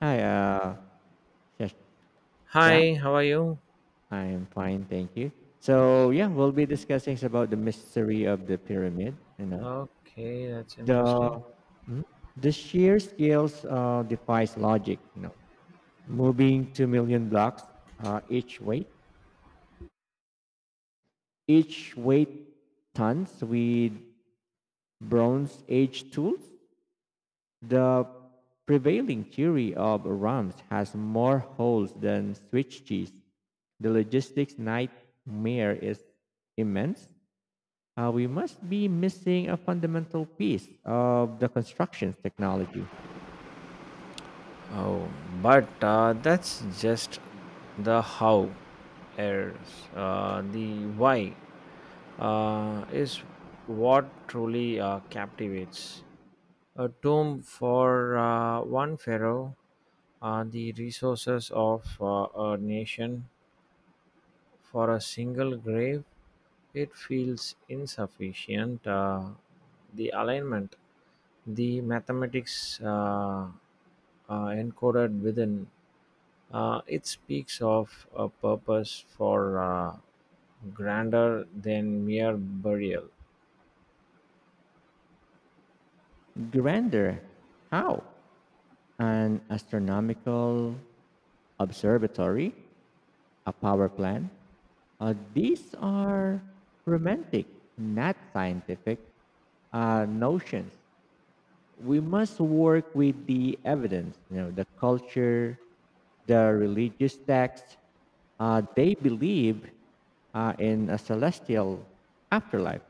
Hi, Shash- Shaq. Hi, how are you? I'm fine, thank you. So yeah, we'll be discussing about the mystery of the pyramid. Okay, that's interesting. The Mhm. Sheer scales defies logic. You know, moving 2 million blocks uh, each weight, each weight tons with Bronze Age tools. The prevailing theory of RAMs has more holes than Swiss cheese. The logistics nightmare is immense. We must be missing a fundamental piece of the construction technology. Oh, but that's just the how errors. The why is what truly captivates. A tomb for one pharaoh, the resources of a nation for a single grave, it feels insufficient. The alignment, the mathematics, encoded within, it speaks of a purpose for grander than mere burial. Grander, how? An astronomical observatory, a power plant. These are romantic, not scientific notions we must work with the evidence, you know, the culture, the religious texts. They believe in a celestial afterlife.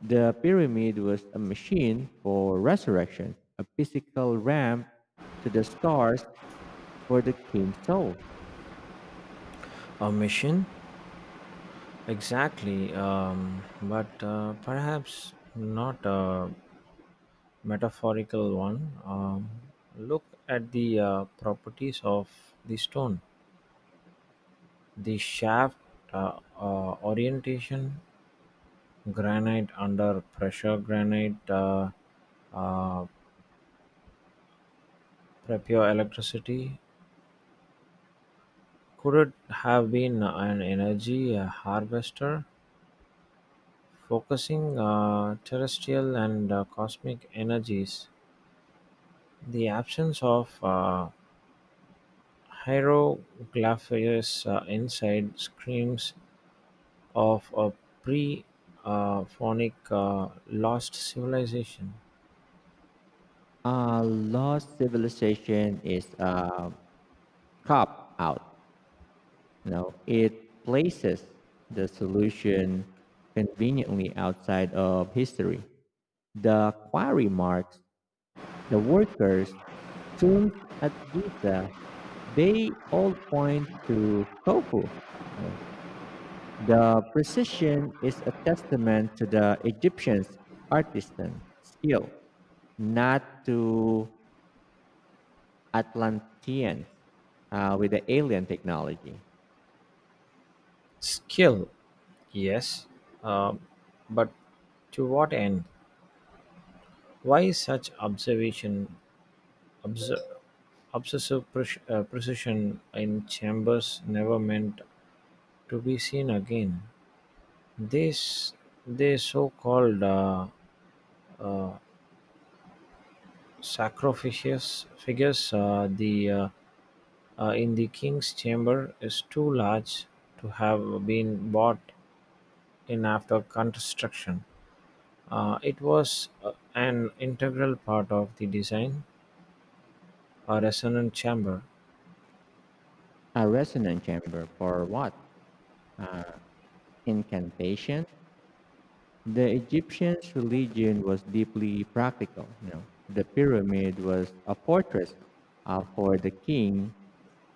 The pyramid was a machine for resurrection, a physical ramp to the stars for the king's soul. A mission? Exactly, but perhaps not a metaphorical one. Look at the properties of the stone, the shaft orientation, granite under pressure. Granite uh, prepure electricity. Could it have been an energy harvester, focusing terrestrial and cosmic energies? The absence of hieroglyphs inside screams of a pre, phonic lost civilization. A lost civilization is a cop out. No, it places the solution conveniently outside of history. The quarry marks, the workers' tombs at Giza. They all point to Khufu. No. The precision is a testament to the Egyptians' artisan skill, not to Atlanteans with the alien technology. Skill, yes, uh, but to what end? Why such obs- obsessive precision in chambers never meant to be seen again? These, they so-called sacrificious figures the in the king's chamber is too large to have been bought in after construction. It was an integral part of the design, a resonant chamber. A resonant chamber for what? Uh, incantation. The Egyptians' religion was deeply practical. You know, the pyramid was a fortress for the king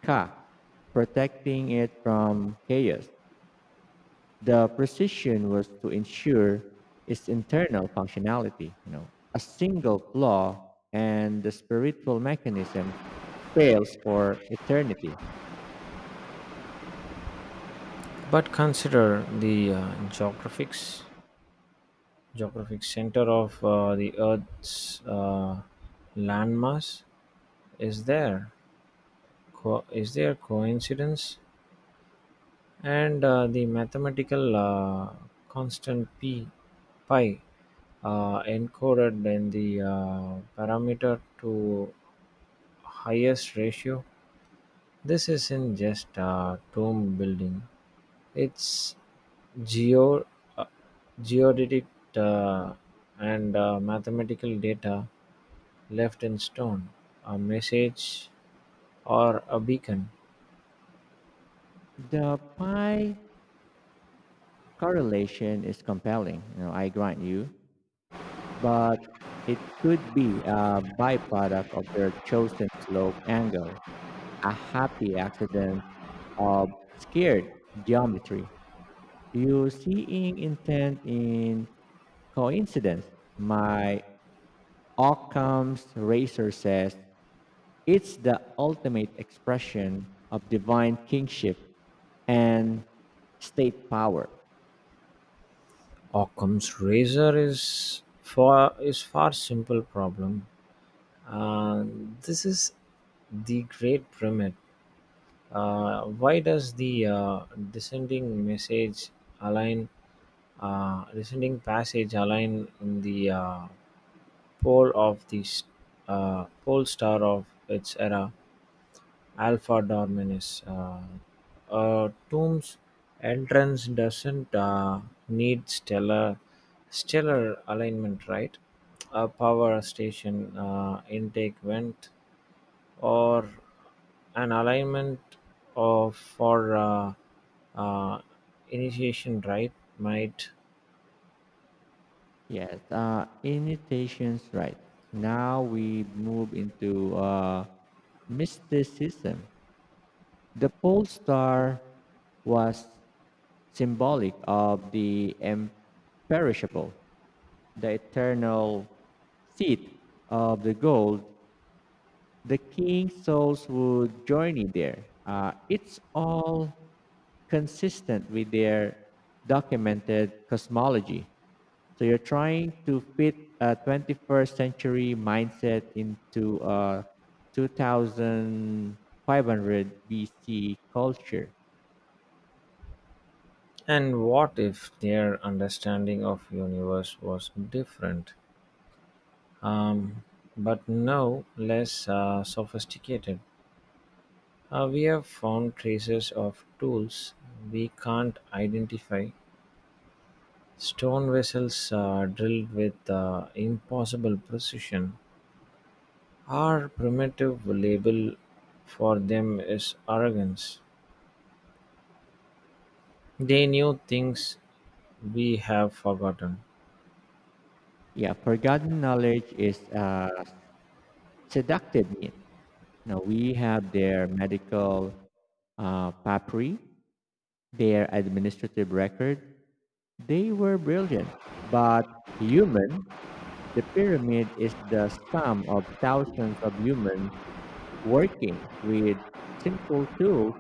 Ka, protecting it from chaos. The precision was to ensure its internal functionality. You know, a single flaw and the spiritual mechanism fails for eternity. But consider the geographics. Geographic center of the Earth's landmass, is there is there coincidence, and the mathematical constant p pi encoded in the parameter to highest ratio. This isn't just a tomb building, it's geo- uh, geodetic uh, and mathematical data left in stone, a message or a beacon. The pi correlation is compelling. You know, I grant you, but it could be a byproduct of their chosen slope angle, a happy accident of scared geometry. You seeing intent in coincidence. My Occam's razor says it's the ultimate expression of divine kingship and state power. Occam's razor is far simple problem. Uh, this is the great pyramid. Why does the descending message align, descending passage align in the pole of the s- pole star of its era, Alpha Dorminus? A tomb's entrance doesn't need stellar alignment, right? A power station intake vent, or an alignment of for uh, initiation right might. Yes, imitations, right. Now we move into mysticism. The pole star was symbolic of the imperishable, the eternal seat of the gold. The king's souls would journey there. It's all consistent with their documented cosmology. So you're trying to fit a 21st century mindset into a 2500 BC culture. And what if their understanding of universe was different, um, but no less sophisticated? We have found traces of tools we can't identify, stone vessels drilled with impossible precision. Our primitive label for them is arrogance. They knew things we have forgotten. Yeah, forgotten knowledge is seductive need. Now we have their medical papyri, their administrative record. They were brilliant, but human. The pyramid is the sum of thousands of humans working with simple tools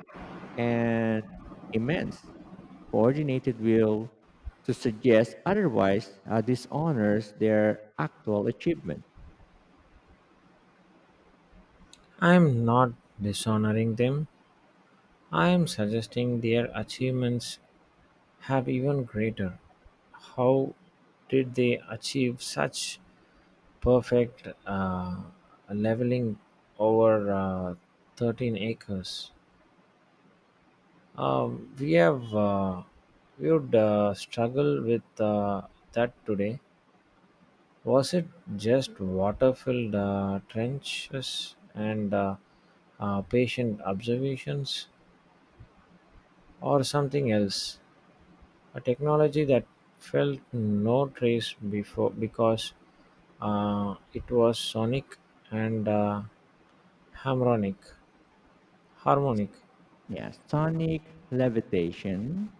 and immense coordinated will. To suggest otherwise dishonors their actual achievement. I am not dishonoring them, I am suggesting their achievements have even greater. How did they achieve such perfect leveling over 13 acres? Um, we have uh, we would struggle with that today. Was it just water-filled trenches and patient observations, or something else? A technology that felt no trace before because it was sonic and harmonic. Harmonic. Yeah, sonic levitation.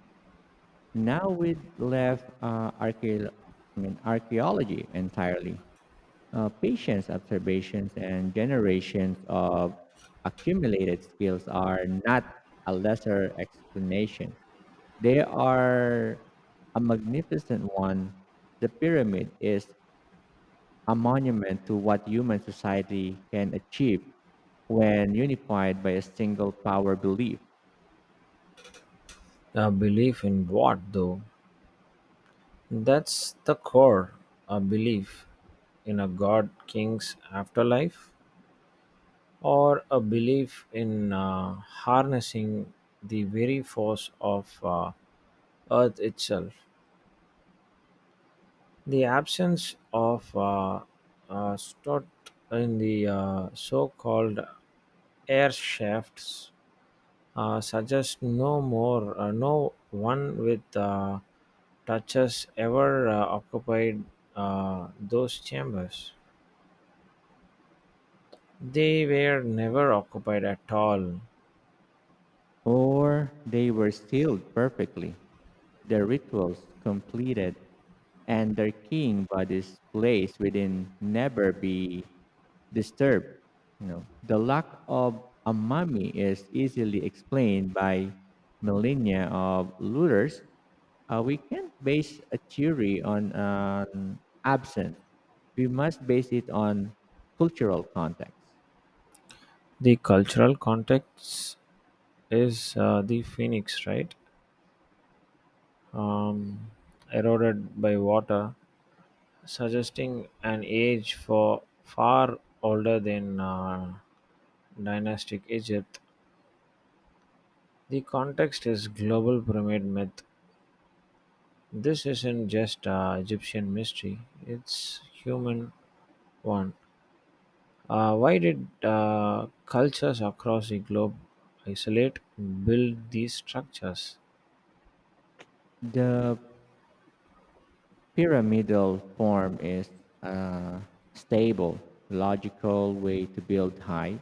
Now we left archaeology entirely. Patients, observations, and generations of accumulated skills are not a lesser explanation. They are a magnificent one. The pyramid is a monument to what human society can achieve when unified by a single power belief. A belief in what, though? That's the core. A belief in a god, king's afterlife, or a belief in harnessing the very force of Earth itself. The absence of stot in the so called air shafts suggests no one with touches ever occupied those chambers. They were never occupied at all. Or they were sealed perfectly, their rituals completed, and their king bodies placed within never be disturbed. You know, the lack of a mummy is easily explained by millennia of looters. We can't base a theory on an absence. We must base it on cultural context. The cultural contexts is the phoenix, right? Um, Eroded by water, suggesting an age for far older than dynastic Egypt. The context is global pyramid myth. This isn't just Egyptian mystery; it's human one. Why did cultures across the globe isolate, build these structures? The pyramidal form is a stable, logical way to build high.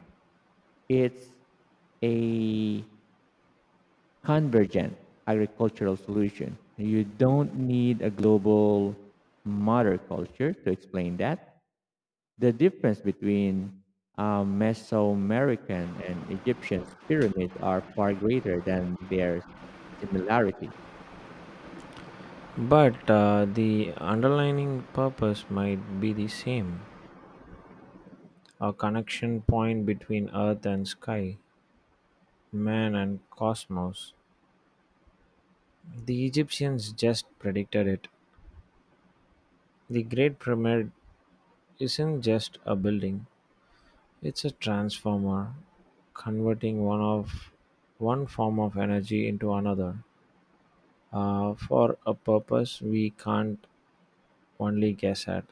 It's a convergent agricultural solution. You don't need a global mother culture to explain that. The difference between Mesoamerican and Egyptian pyramids are far greater than their similarities. But the underlying purpose might be the same, a connection point between earth and sky, man and cosmos. The Egyptians just predicted it. The Great Pyramid isn't just a building, it's a transformer, converting one form of energy into another for a purpose we can't only guess at.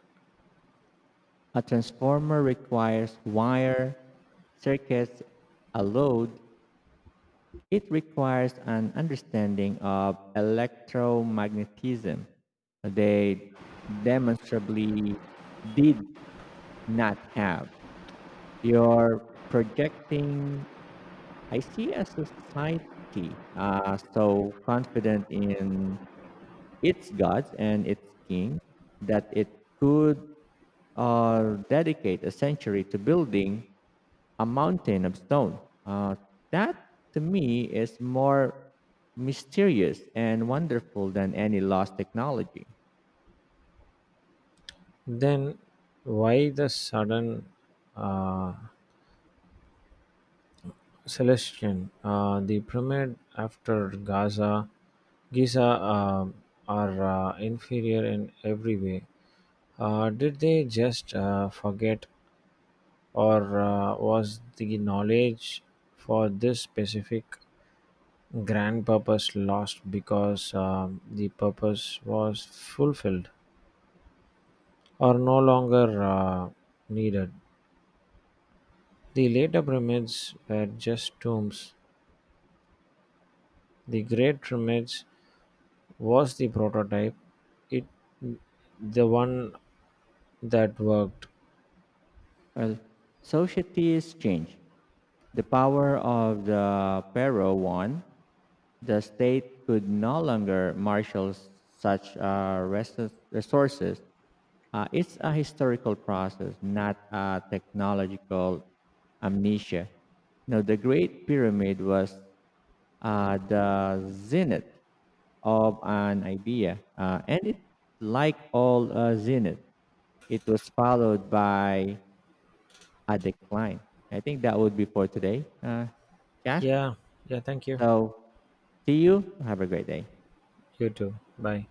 A transformer requires wire, circuits, a load. It requires an understanding of electromagnetism. They demonstrably did not have. You're projecting. I see a society so confident in its gods and its king that it could dedicate a century to building a mountain of stone. Uh, that to me is more mysterious and wonderful than any lost technology. Then, why the sudden uh, Celestian, the pyramid after Giza are inferior in every way? Did they just forget, or was the knowledge for this specific grand purpose lost because the purpose was fulfilled or no longer needed? The later pyramids were just tombs. The great pyramids was the prototype, it, the one that worked? Well, societies change. The power of the Pharaoh won, the state could no longer marshal such resources. It's a historical process, not a technological amnesia. Now, the Great Pyramid was the zenith of an idea, and it, like all zenith, it was followed by a decline. I think that would be for today. Shaz? Yeah, yeah, thank you. So, see you. Have a great day. You too. Bye.